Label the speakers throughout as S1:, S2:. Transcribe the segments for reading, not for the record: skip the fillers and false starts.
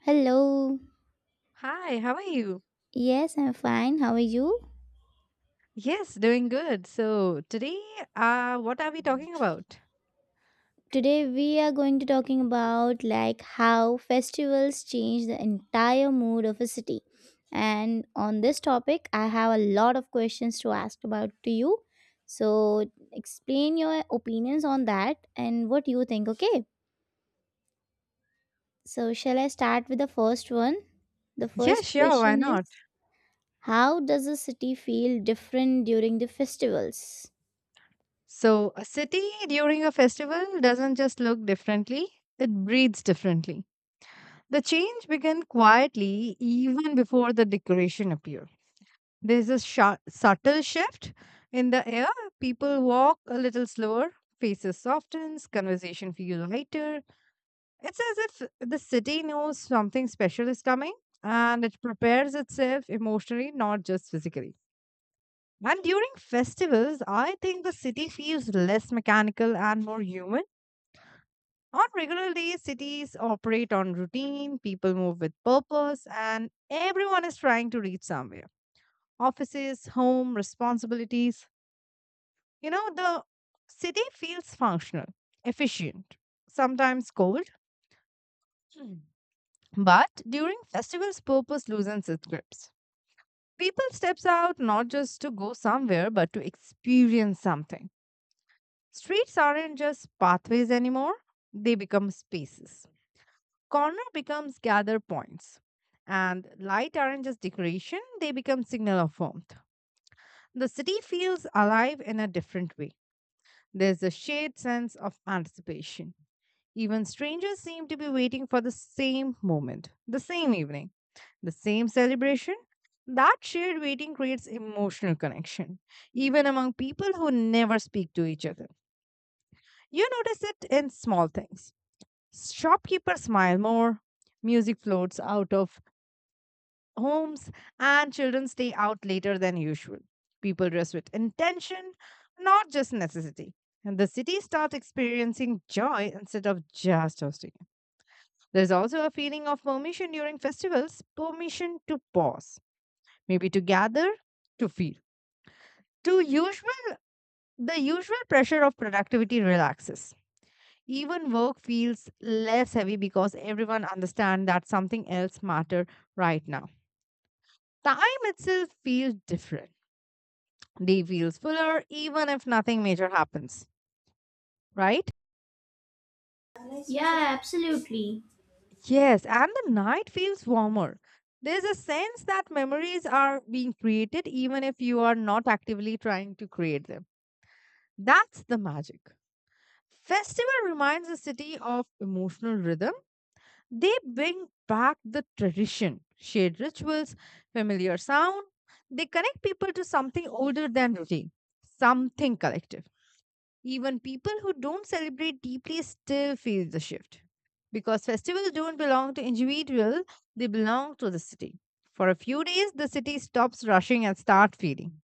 S1: Hello.
S2: Hi, how are you?
S1: Yes, I'm fine. How are you?
S2: Yes, doing good. So, today, what are we talking about?
S1: Today we are going to talking about like how festivals change the entire mood of a city. And on this topic, I have a lot of questions to ask about to you. So explain your opinions on that and what you think, okay? So shall I start with the first one? The
S2: Yeah,
S1: first
S2: sure, why
S1: question
S2: not?
S1: is, how does a city feel different during the festivals?
S2: So, a city during a festival doesn't just look differently, it breathes differently. The change begins quietly even before the decoration appear. There's a subtle shift in the air. People walk a little slower, faces softens, conversation feels lighter. It's as if the city knows something special is coming and it prepares itself emotionally, not just physically. And during festivals, I think the city feels less mechanical and more human. On regular days, cities operate on routine, people move with purpose, and everyone is trying to reach somewhere. Offices, home, responsibilities. You know, the city feels functional, efficient, sometimes cold, but during festivals, purpose loosens its grips. People steps out not just to go somewhere but to experience something. Streets aren't just pathways anymore, they become spaces. Corner becomes gather points. And light aren't just decoration, they become signal of warmth. The city feels alive in a different way. There's a shared sense of anticipation. Even strangers seemed to be waiting for the same moment, the same evening, the same celebration. That shared waiting creates emotional connection, even among people who never speak to each other. You notice it in small things. Shopkeepers smile more, music floats out of homes, and children stay out later than usual. People dress with intention, not just necessity. And the city starts experiencing joy instead of just hosting. There's also a feeling of permission during festivals, permission to pause, maybe to gather, to feel. To usual, the usual pressure of productivity relaxes. Even work feels less heavy because everyone understands that something else matters right now. Time itself feels different. Day feels fuller even if nothing major happens, right?
S1: Yeah, absolutely.
S2: Yes, and the night feels warmer. There's a sense that memories are being created even if you are not actively trying to create them. That's the magic. Festival reminds the city of emotional rhythm. They bring back the tradition, shared rituals, familiar sound. They connect people to something older than routine, something collective. Even people who don't celebrate deeply still feel the shift. Because festivals don't belong to individual, they belong to the city. For a few days, the city stops rushing and starts feeling.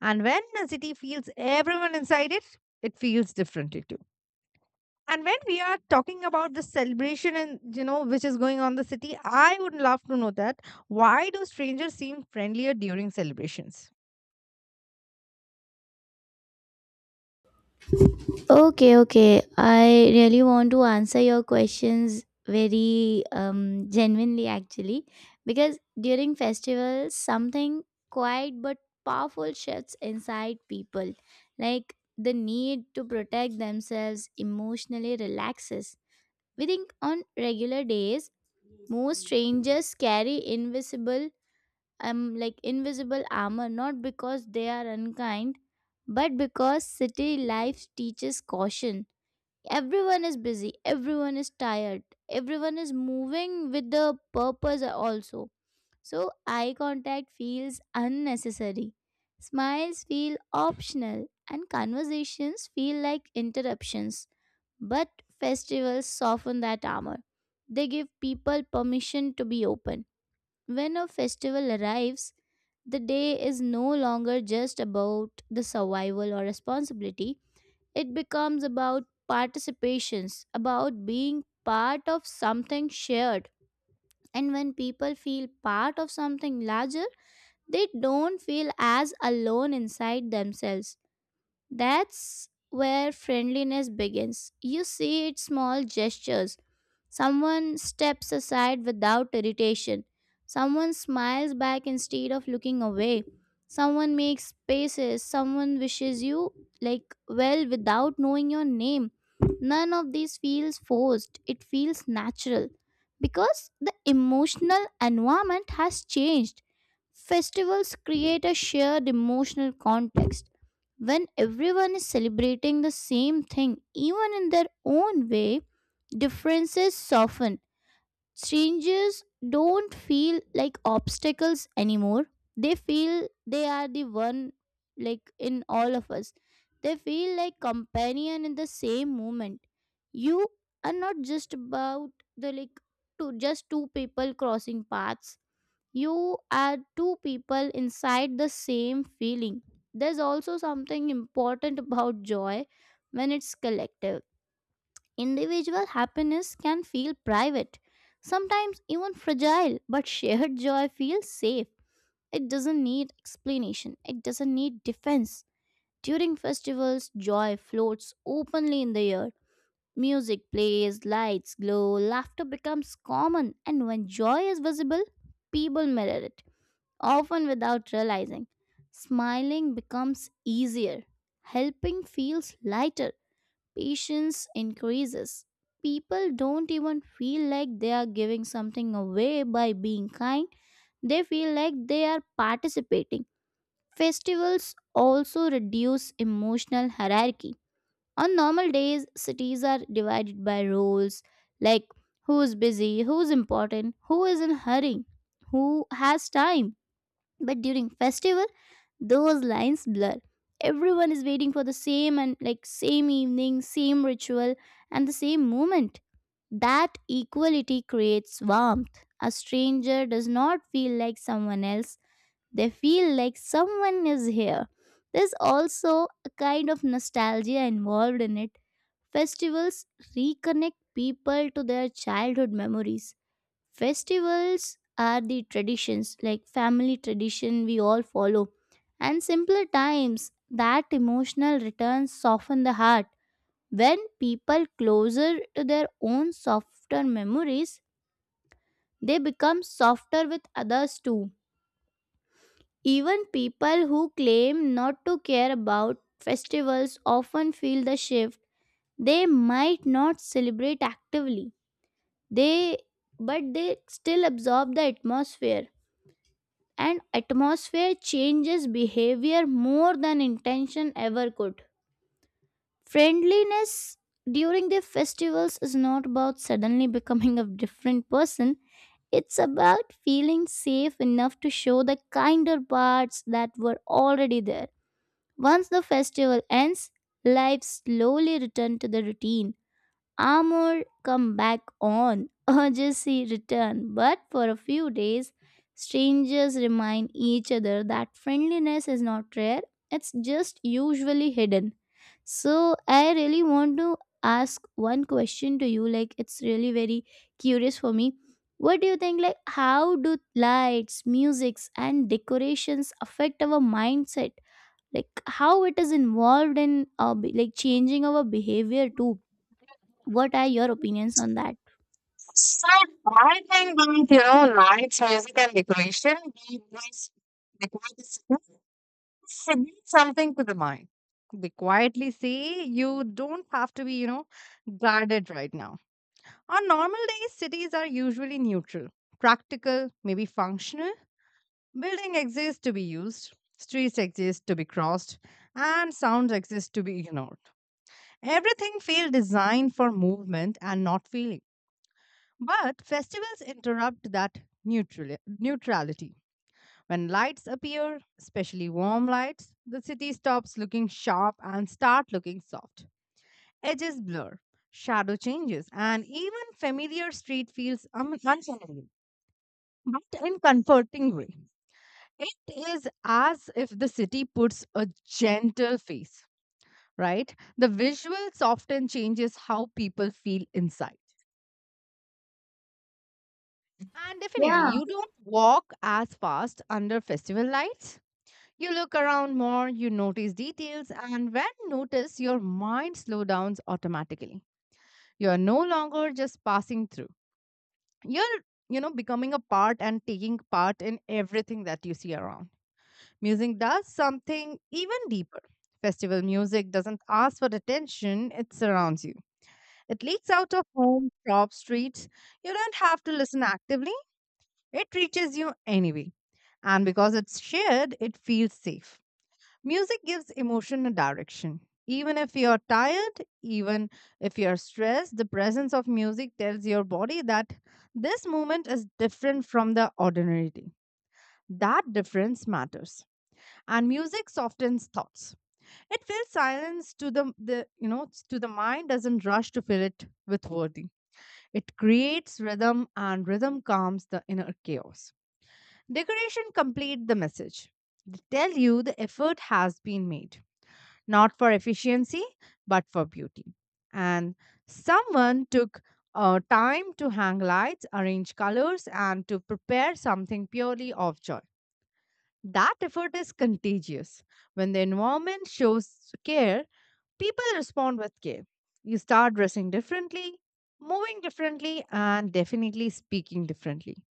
S2: And when a city feels everyone inside it, it feels differently too. And when we are talking about the celebration and, you know, which is going on in the city, I would love to know that why do strangers seem friendlier during celebrations?
S1: Okay, okay, I really want to answer your questions very genuinely, actually, because during festivals, something quiet but powerful shifts inside people. Like the need to protect themselves emotionally relaxes. We think on regular days, most strangers carry invisible armor, not because they are unkind, but because city life teaches caution. Everyone is busy, everyone is tired, everyone is moving with the purpose also. So eye contact feels unnecessary, smiles feel optional, and conversations feel like interruptions. But festivals soften that armor, they give people permission to be open. When a festival arrives, the day is no longer just about the survival or responsibility. It becomes about participations, about being part of something shared. And when people feel part of something larger, they don't feel as alone inside themselves. That's where friendliness begins. You see it small gestures. Someone steps aside without irritation. Someone smiles back instead of looking away. Someone makes spaces. Someone wishes you like well without knowing your name. None of these feels forced. It feels natural because the emotional environment has changed. Festivals create a shared emotional context. When everyone is celebrating the same thing, even in their own way, differences soften. Strangers don't feel like obstacles anymore. They feel they are the one, like in all of us. They feel like companion in the same moment. You are not just about the like just two people crossing paths, you are two people inside the same feeling. There's also something important about joy when it's collective. Individual happiness can feel private, sometimes even fragile, but shared joy feels safe. It doesn't need explanation, it doesn't need defense. During festivals, joy floats openly in the air. Music plays, lights glow, laughter becomes common, and when joy is visible, people mirror it often without realizing. Smiling becomes easier, helping feels lighter, patience increases. People don't even feel like they are giving something away by being kind, they feel like they are participating. Festivals also reduce emotional hierarchy. On normal days, cities are divided by roles, like who's busy, who's important, who is in hurry, who has time. But during festival, those lines blur. Everyone is waiting for the same evening, same ritual, and the same moment. That equality creates warmth. A stranger does not feel like someone else, they feel like someone is here. There's also a kind of nostalgia involved in it. Festivals reconnect people to their childhood memories. Festivals are the traditions, like family tradition we all follow. And simpler times, that emotional returns soften the heart. When people closer to their own softer memories, they become softer with others too. Even people who claim not to care about festivals often feel the shift. They might not celebrate actively. They they still absorb the atmosphere, and atmosphere changes behavior more than intention ever could. Friendliness during the festivals is not about suddenly becoming a different person, it's about feeling safe enough to show the kinder parts that were already there. Once the festival ends, life slowly returns to the routine. Armor come back on, urgency return. But for a few days, strangers remind each other that friendliness is not rare, it's just usually hidden. So I really want to ask one question to you, like it's really very curious for me. What do you think, like how do lights, musics and decorations affect our mindset? Like how it is involved in like changing our behavior too? What are your opinions on that?
S2: So I think that, you know, lights, music, and decoration they always decorate the city. Submit something to the mind. They quietly say you don't have to be, you know, guarded right now. On normal days, cities are usually neutral, practical, maybe functional. Building exists to be used, streets exist to be crossed, and sounds exist to be ignored. Everything feels designed for movement and not feeling. But festivals interrupt that neutrality. When lights appear, especially warm lights, the city stops looking sharp and start looking soft. Edges blur, shadow changes, and even familiar street feels unfamiliar, but in comforting way. It is as if the city puts a gentle face, right? The visuals often changes how people feel inside. And definitely,
S1: Yeah.
S2: you don't walk as fast under festival lights. You look around more, you notice details, and when notice, your mind slows down automatically. You're no longer just passing through. You're, you know, becoming a part and taking part in everything that you see around. Music does something even deeper. Festival music doesn't ask for attention, it surrounds you. It leaks out of home, shops, streets. You don't have to listen actively, it reaches you anyway. And because it's shared, it feels safe. Music gives emotion a direction. Even if you're tired, even if you're stressed, the presence of music tells your body that this moment is different from the ordinary day. That difference matters. And music softens thoughts. It fills silence to the to the mind doesn't rush to fill it with wording. It creates rhythm and rhythm calms the inner chaos. Decoration complete the message. They tell you the effort has been made not for efficiency, but for beauty. And someone took time to hang lights, arrange colors, and to prepare something purely of joy. That effort is contagious. When the environment shows care, people respond with care. You start dressing differently, moving differently, and definitely speaking differently.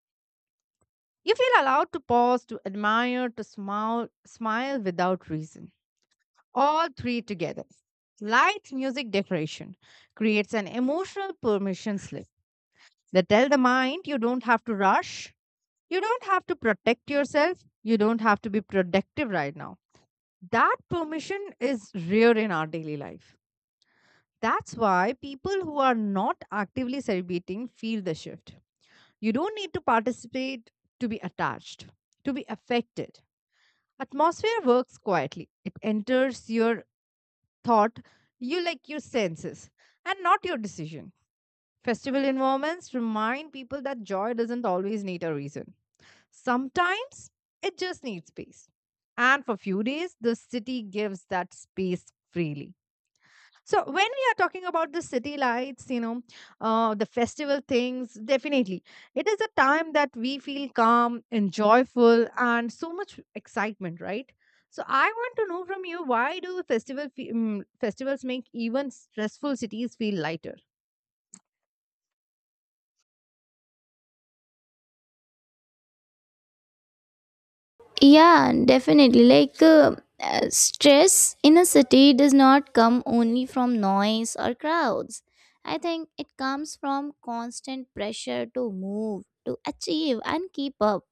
S2: You feel allowed to pause, to admire, to smile, smile without reason. All three together. Light music decoration creates an emotional permission slip. They tell the mind you don't have to rush, you don't have to protect yourself, you don't have to be productive right now. That permission is rare in our daily life. That's why people who are not actively celebrating feel the shift. You don't need to participate to be attached, to be affected. Atmosphere works quietly. It enters your thought, you like your senses, and not your decision. Festival environments remind people that joy doesn't always need a reason. Sometimes it just needs space. And for few days, the city gives that space freely. So when we are talking about the city lights, you know, the festival things, definitely it is a time that we feel calm and joyful and so much excitement, right? So I want to know from you why do festivals make even stressful cities feel lighter?
S1: Yeah, definitely. Like, stress in a city does not come only from noise or crowds. I think it comes from constant pressure to move, to achieve, and keep up.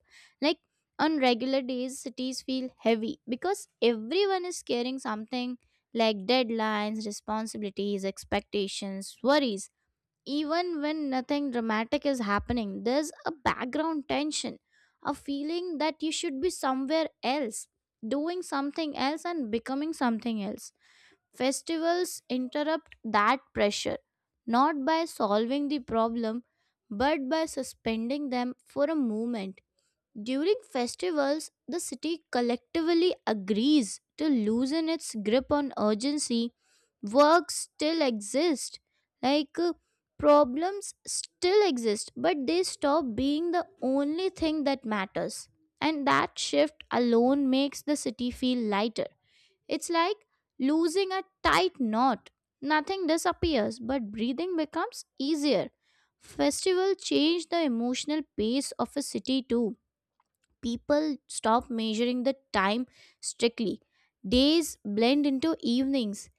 S1: Like, on regular days, cities feel heavy because everyone is carrying something like deadlines, responsibilities, expectations, worries. Even when nothing dramatic is happening, there's a background tension, a feeling that you should be somewhere else, doing something else and becoming something else. Festivals interrupt that pressure, not by solving the problem, but by suspending them for a moment. During festivals, the city collectively agrees to loosen its grip on urgency. Work still exist, like problems still exist, but they stop being the only thing that matters. And that shift alone makes the city feel lighter. It's like losing a tight knot. Nothing disappears, but breathing becomes easier. Festival change the emotional pace of a city too. People stop measuring the time strictly. Days blend into evenings.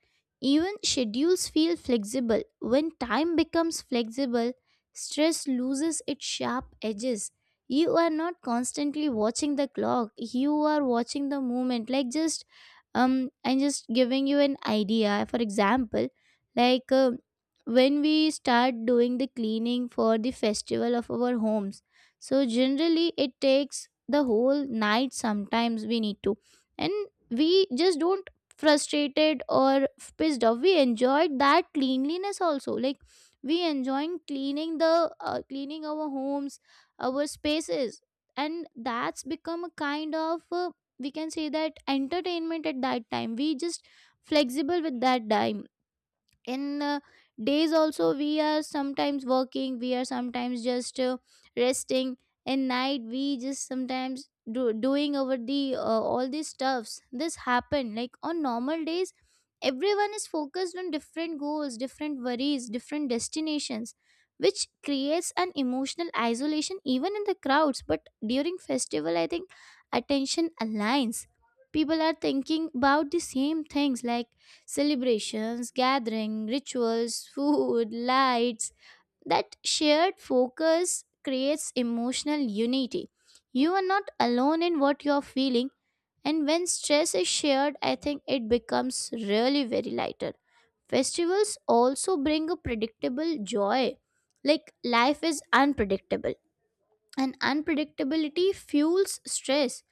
S1: Even schedules feel flexible. When time becomes flexible, stress loses its sharp edges. You are not constantly watching the clock, you are watching the moment. Like, just I'm just giving you an idea. For example, like when we start doing the cleaning for the festival of our homes, so generally it takes the whole night sometimes we need to. And we just don't frustrated or pissed off, we enjoyed that cleanliness also. Like, we enjoying cleaning the cleaning our homes, our spaces, and that's become a kind of we can say that entertainment. At that time we just flexible with that time. In days also we are sometimes working, we are sometimes just resting. In night we just sometimes doing over the all these stuffs. This happen like on normal days everyone is focused on different goals, different worries, different destinations, which creates an emotional isolation even in the crowds. But during festival I think attention aligns. People are thinking about the same things, like celebrations, gathering, rituals, food, lights. That shared focus creates emotional unity. You are not alone in what you are feeling, and when stress is shared, I think it becomes really very lighter. Festivals also bring a predictable joy. Like life is unpredictable and unpredictability fuels stress.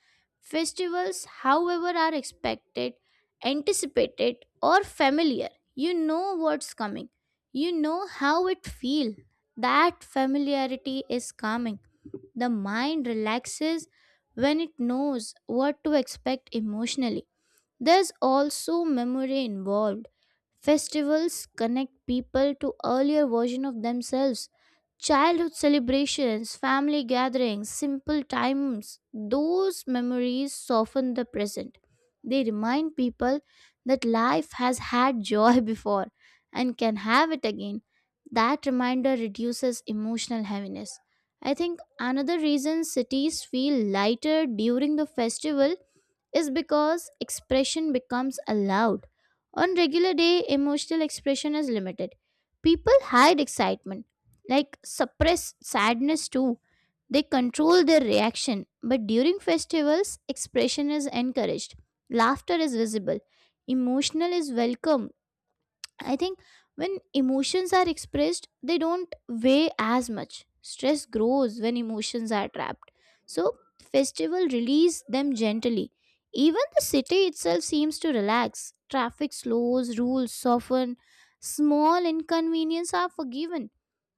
S1: Festivals, however, are expected, anticipated, or familiar. You know what's coming. You know how it feels. That familiarity is calming. The mind relaxes when it knows what to expect emotionally. There's also memory involved. Festivals connect people to earlier version of themselves. Childhood celebrations, family gatherings, simple times, those memories soften the present. They remind people that life has had joy before and can have it again. That reminder reduces emotional heaviness. I think another reason cities feel lighter during the festival is because expression becomes allowed. On regular day, emotional expression is limited. People hide excitement, like suppress sadness too. They control their reaction, but during festivals, expression is encouraged. Laughter is visible. Emotional is welcome. I think when emotions are expressed, they don't weigh as much. Stress grows when emotions are trapped. So, festival release them gently. Even the city itself seems to relax. Traffic slows, rules soften, small inconveniences are forgiven.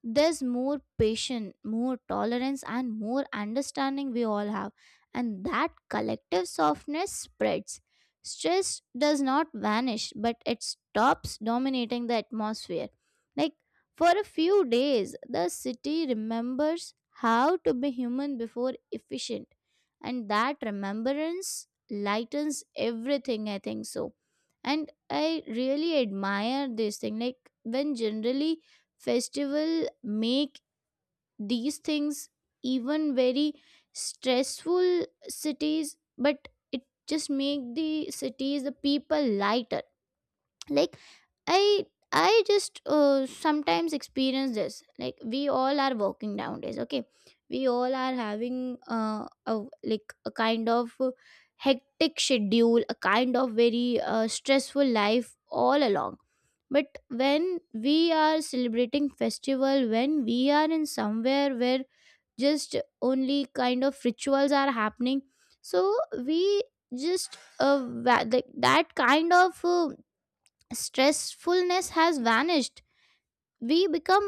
S1: There's more patience, more tolerance, and more understanding we all have. And that collective softness spreads. Stress does not vanish, but it stops dominating the atmosphere. Like for a few days, the city remembers how to be human before efficient, and that remembrance lightens everything, I think so. And I really admire this thing. Like when generally festival make these things even very stressful cities, but it just make the cities, the people lighter. Like, i I just sometimes experience this. Like we all are working nowadays, okay? We all are having a kind of hectic schedule, a kind of very stressful life all along. But when we are celebrating festival, when we are in somewhere where just only kind of rituals are happening, so we just like that kind of stressfulness has vanished. We become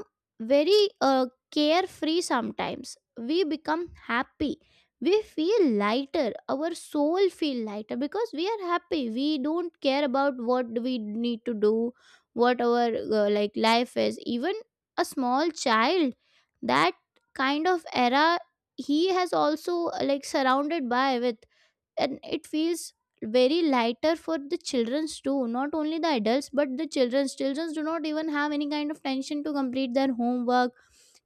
S1: very carefree, sometimes we become happy, we feel lighter, our soul feel lighter because we are happy. We don't care about what we need to do, what our like life is. Even a small child, that kind of era, he has also like surrounded by with, and it feels very lighter for the childrens too, not only the adults but the Childrens do not even have any kind of tension to complete their homework,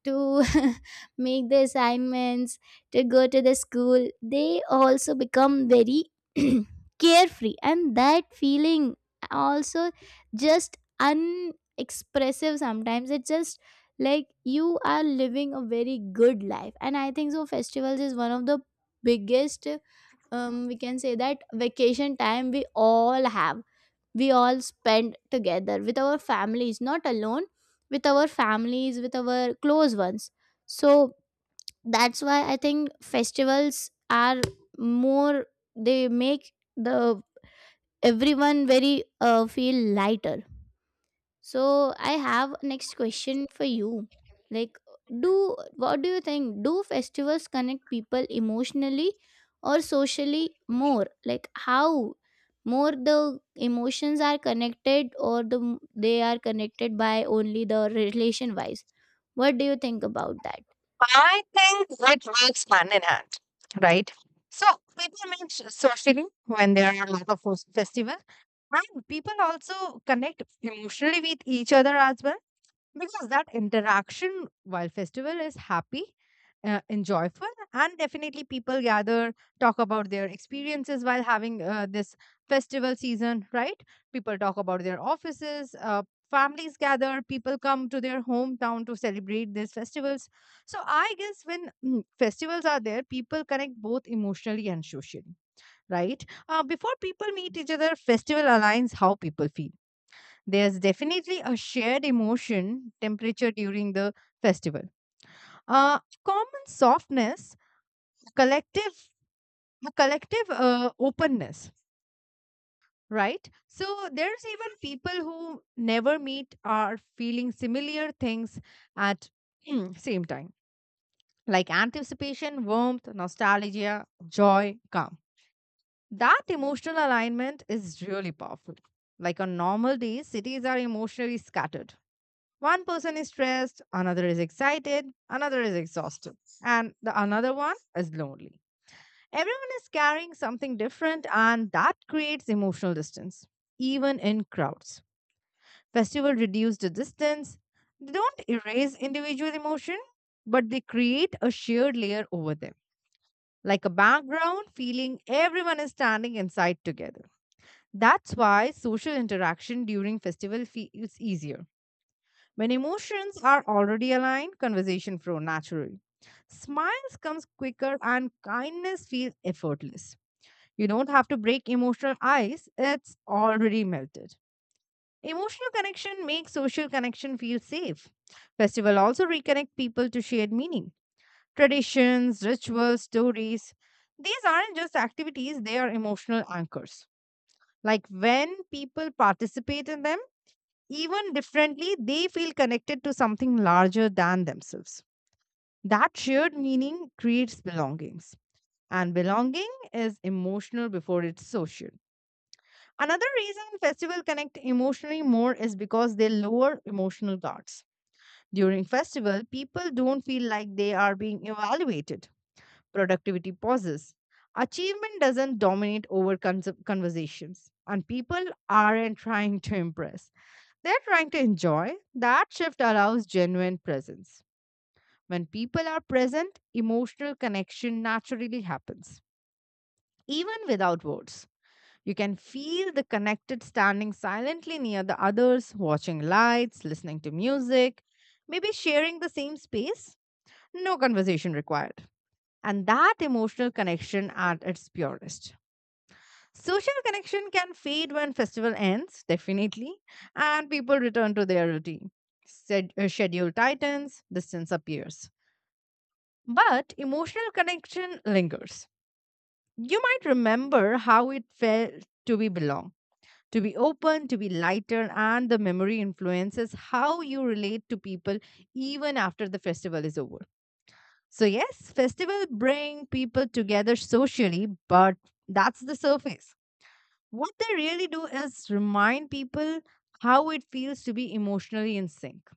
S1: to make the assignments, to go to the school. They also become very carefree, and that feeling also just unexpressive. Sometimes it's just like you are living a very good life. And I think so festivals is one of the biggest, we can say that, vacation time we all have. We all spend together with our families, not alone, with our families, with our close ones. So that's why I think festivals are more, they make the everyone very Feel lighter. So I have next question for you. Like do what do you think? Do festivals connect people emotionally or socially more? Like how more the emotions are connected or they are connected by only the relation wise. What do you think about that?
S2: I think it works hand in hand, right? So people meet socially when there are a lot of festival, and people also connect emotionally with each other as well because that interaction while festival is happy and joyful and definitely people gather talk about their experiences while having this festival season, right? People talk about their offices, families gather, people come to their hometown to celebrate these festivals. So I guess when festivals are there, people connect both emotionally and socially, right? Before people meet each other, festival aligns how people feel. There's definitely a shared emotion temperature during the festival. Common softness, collective, a collective openness, right? So there's even people who never meet are feeling similar things at same time, like anticipation, warmth, nostalgia, joy, calm. That emotional alignment is really powerful. Like on normal days, cities are emotionally scattered. One person is stressed, another is excited, another is exhausted, and the another one is lonely. Everyone is carrying something different, and that creates emotional distance, even in crowds. Festival reduce the distance. They don't erase individual emotion, but they create a shared layer over them, like a background feeling everyone is standing inside together. That's why social interaction during festival feels easier. When emotions are already aligned, conversation flow naturally. Smiles comes quicker and kindness feels effortless. You don't have to break emotional ice, it's already melted. Emotional connection makes social connection feel safe. Festival also reconnect people to shared meaning. Traditions, rituals, stories. These aren't just activities, they are emotional anchors. Like when people participate in them, even differently, they feel connected to something larger than themselves. That shared meaning creates belongings, and belonging is emotional before it's social. Another reason festival connect emotionally more is because they lower emotional guards. During festival, people don't feel like they are being evaluated. Productivity pauses. Achievement doesn't dominate over conversations, and people aren't trying to impress, they're trying to enjoy. That shift allows genuine presence. When people are present, emotional connection naturally happens, even without words. You can feel the connected standing silently near the others, watching lights, listening to music, maybe sharing the same space. No conversation required. And that emotional connection at its purest. Social connection can fade when festival ends, definitely, and people return to their routine. Schedule tightens, distance appears. But emotional connection lingers. You might remember how it felt to be belong, to be open, to be lighter, and the memory influences how you relate to people even after the festival is over. So yes, festival bring people together socially, but that's the surface. What they really do is remind people how it feels to be emotionally in sync.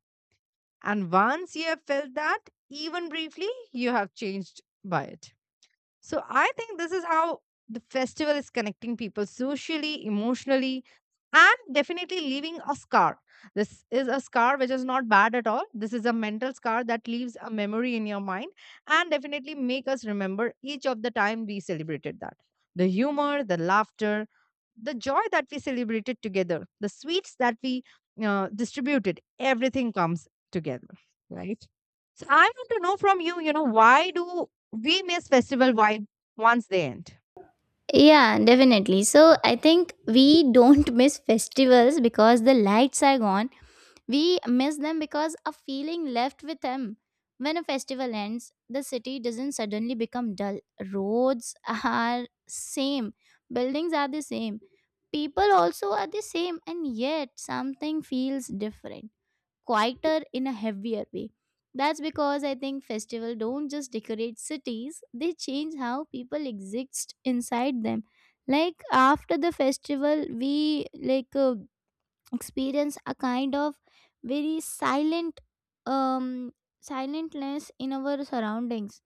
S2: And once you have felt that, even briefly, you have changed by it. So I think this is how the festival is connecting people socially, emotionally, and definitely leaving a scar. This is a scar which is not bad at all. This is a mental scar that leaves a memory in your mind and definitely make us remember each of the time we celebrated that. The humor, the laughter, the joy that we celebrated together, the sweets that we distributed, everything comes together, right? So I want to know from you, you know, why do we miss festival vibe once they end.
S1: Yeah, definitely. So I think we don't miss festivals because the lights are gone. We miss them because of feeling left with them. When a festival ends, the city doesn't suddenly become dull. Roads are same, buildings are the same, people also are the same, and yet something feels different, quieter in a heavier way. That's because I think festival don't just decorate cities, they change how people exist inside them. Like after the festival, we experience a kind of very silent um silentness in our surroundings.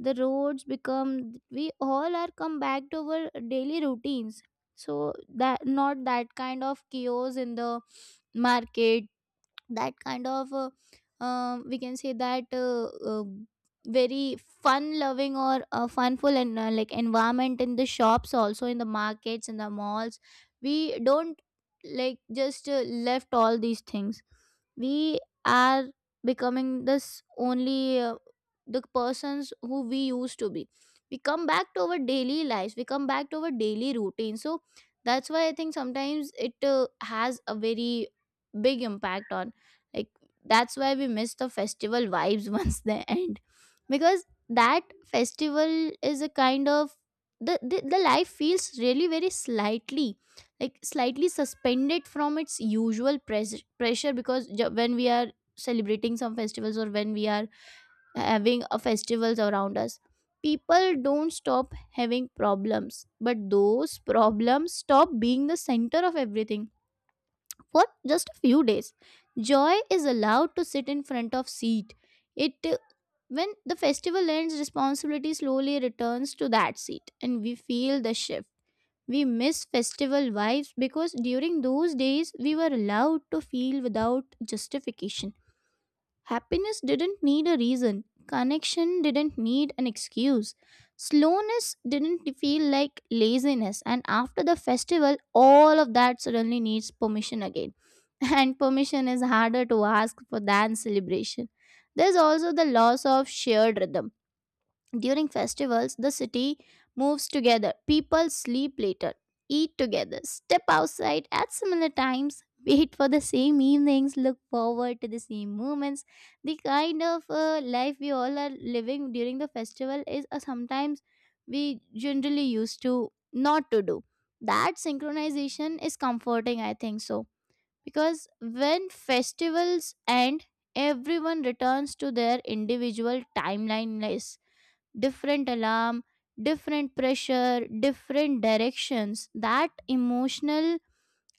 S1: The roads become, we all are come back to our daily routines, so that not that kind of chaos in the market, that kind of we can say that very fun loving or funful and like environment in the shops also in the markets in the malls. We don't like just left all these things. We are becoming this only the persons who we used to be. We come back to our daily lives, we come back to our daily routine, so that's why I think sometimes it has a very big impact on, like, that's why we miss the festival vibes once they end. Because that festival is a kind of the, the life feels really very slightly, like slightly suspended from its usual pressure. Because when we are celebrating some festivals or when we are having a festivals around us, people don't stop having problems, but those problems stop being the center of everything for just a few days. Joy is allowed to sit in front of seat. It When the festival ends, responsibility slowly returns to that seat, and we feel the shift. We miss festival vibes because during those days we were allowed to feel without justification. Happiness didn't need a reason. Connection didn't need an excuse. Slowness didn't feel like laziness. And after the festival, all of that suddenly needs permission again. And permission is harder to ask for than celebration. There's also the loss of shared rhythm during festivals. The city moves together. People sleep later, eat together, step outside at similar times, wait for the same evenings, look forward to the same moments. The kind of life we all are living during the festival is, sometimes we generally used to not to do. That synchronization is comforting, I think so. Because when festivals end, everyone returns to their individual timeline, different alarm, different pressure, different directions. That emotional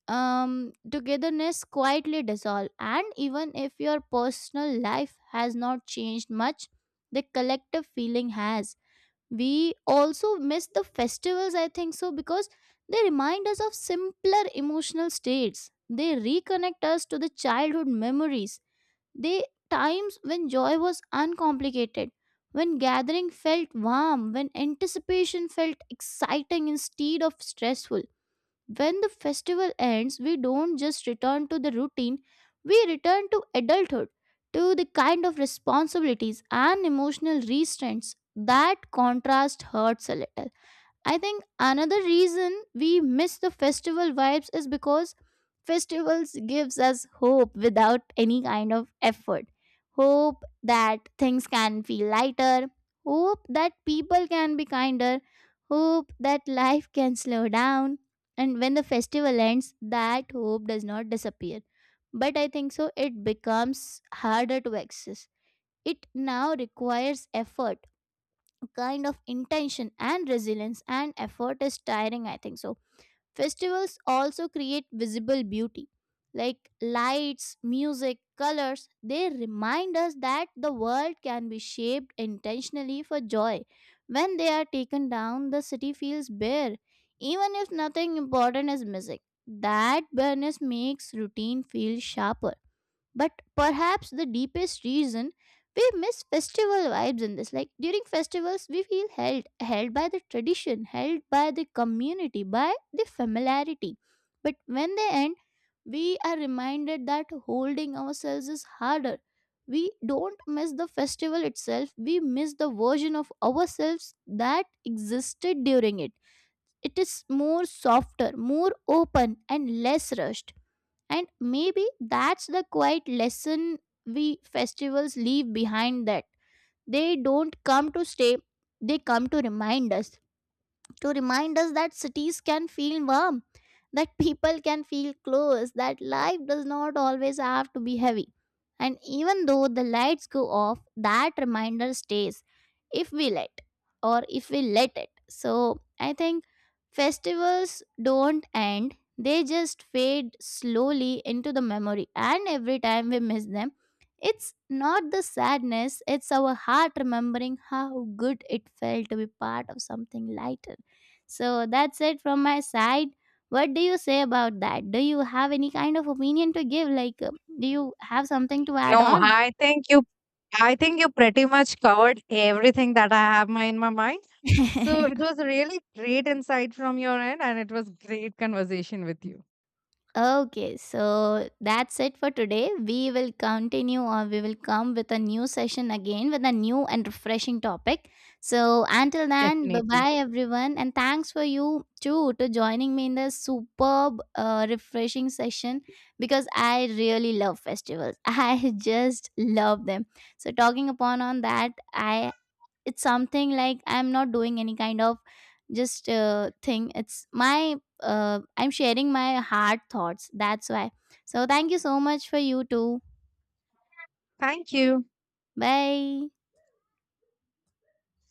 S1: togetherness quietly dissolve. And even if your personal life has not changed much, the collective feeling has. We also miss the festivals, I think so, because they remind us of simpler emotional states. They reconnect us to the childhood memories, they times when joy was uncomplicated, when gathering felt warm, when anticipation felt exciting instead of stressful. When the festival ends, we don't just return to the routine, we return to adulthood, to the kind of responsibilities and emotional restraints. That contrast hurts a little. I think another reason we miss the festival vibes is because festivals gives us hope without any kind of effort. Hope that things can feel lighter, hope that people can be kinder, hope that life can slow down. And when the festival ends, that hope does not disappear. But I think so it becomes harder to access. It now requires effort, kind of intention and resilience, and effort is tiring, I think so. Festivals also create visible beauty like lights, music, colors. They remind us that the world can be shaped intentionally for joy. When they are taken down, the city feels bare, even if nothing important is missing. That bareness makes routine feel sharper. But perhaps the deepest reason we miss festival vibes in this. Like during festivals, we feel held, held by the tradition, held by the community, by the familiarity. But when they end, we are reminded that holding ourselves is harder. We don't miss the festival itself, we miss the version of ourselves that existed during it. It is more softer, more open, and less rushed. And maybe that's the quiet lesson we festivals leave behind, that they don't come to stay, they come to remind us, to remind us that cities can feel warm, that people can feel close, that life does not always have to be heavy. And even though the lights go off, that reminder stays if we let or if we let it. So I think festivals don't end, they just fade slowly into the memory. And every time we miss them, it's not the sadness, it's our heart remembering how good it felt to be part of something lighter. So that's it from my side. What do you say about that? Do you have any kind of opinion to give? Like, do you have something to add
S2: No,
S1: on?
S2: I think you pretty much covered everything that I have in my mind. So it was a really great insight from your end and it was great conversation with you.
S1: Okay, so that's it for today. We will continue, or we will come with a new session again with a new and refreshing topic. So until then, bye
S2: Definitely.
S1: bye everyone, and thanks for you too to joining me in this superb, refreshing session, because I really love festivals. I just love them. So talking upon on that, I it's something like I'm not doing any kind of just thing. It's my I'm sharing my hard thoughts, that's why. So thank you so much for you too.
S2: Thank you.
S1: Bye.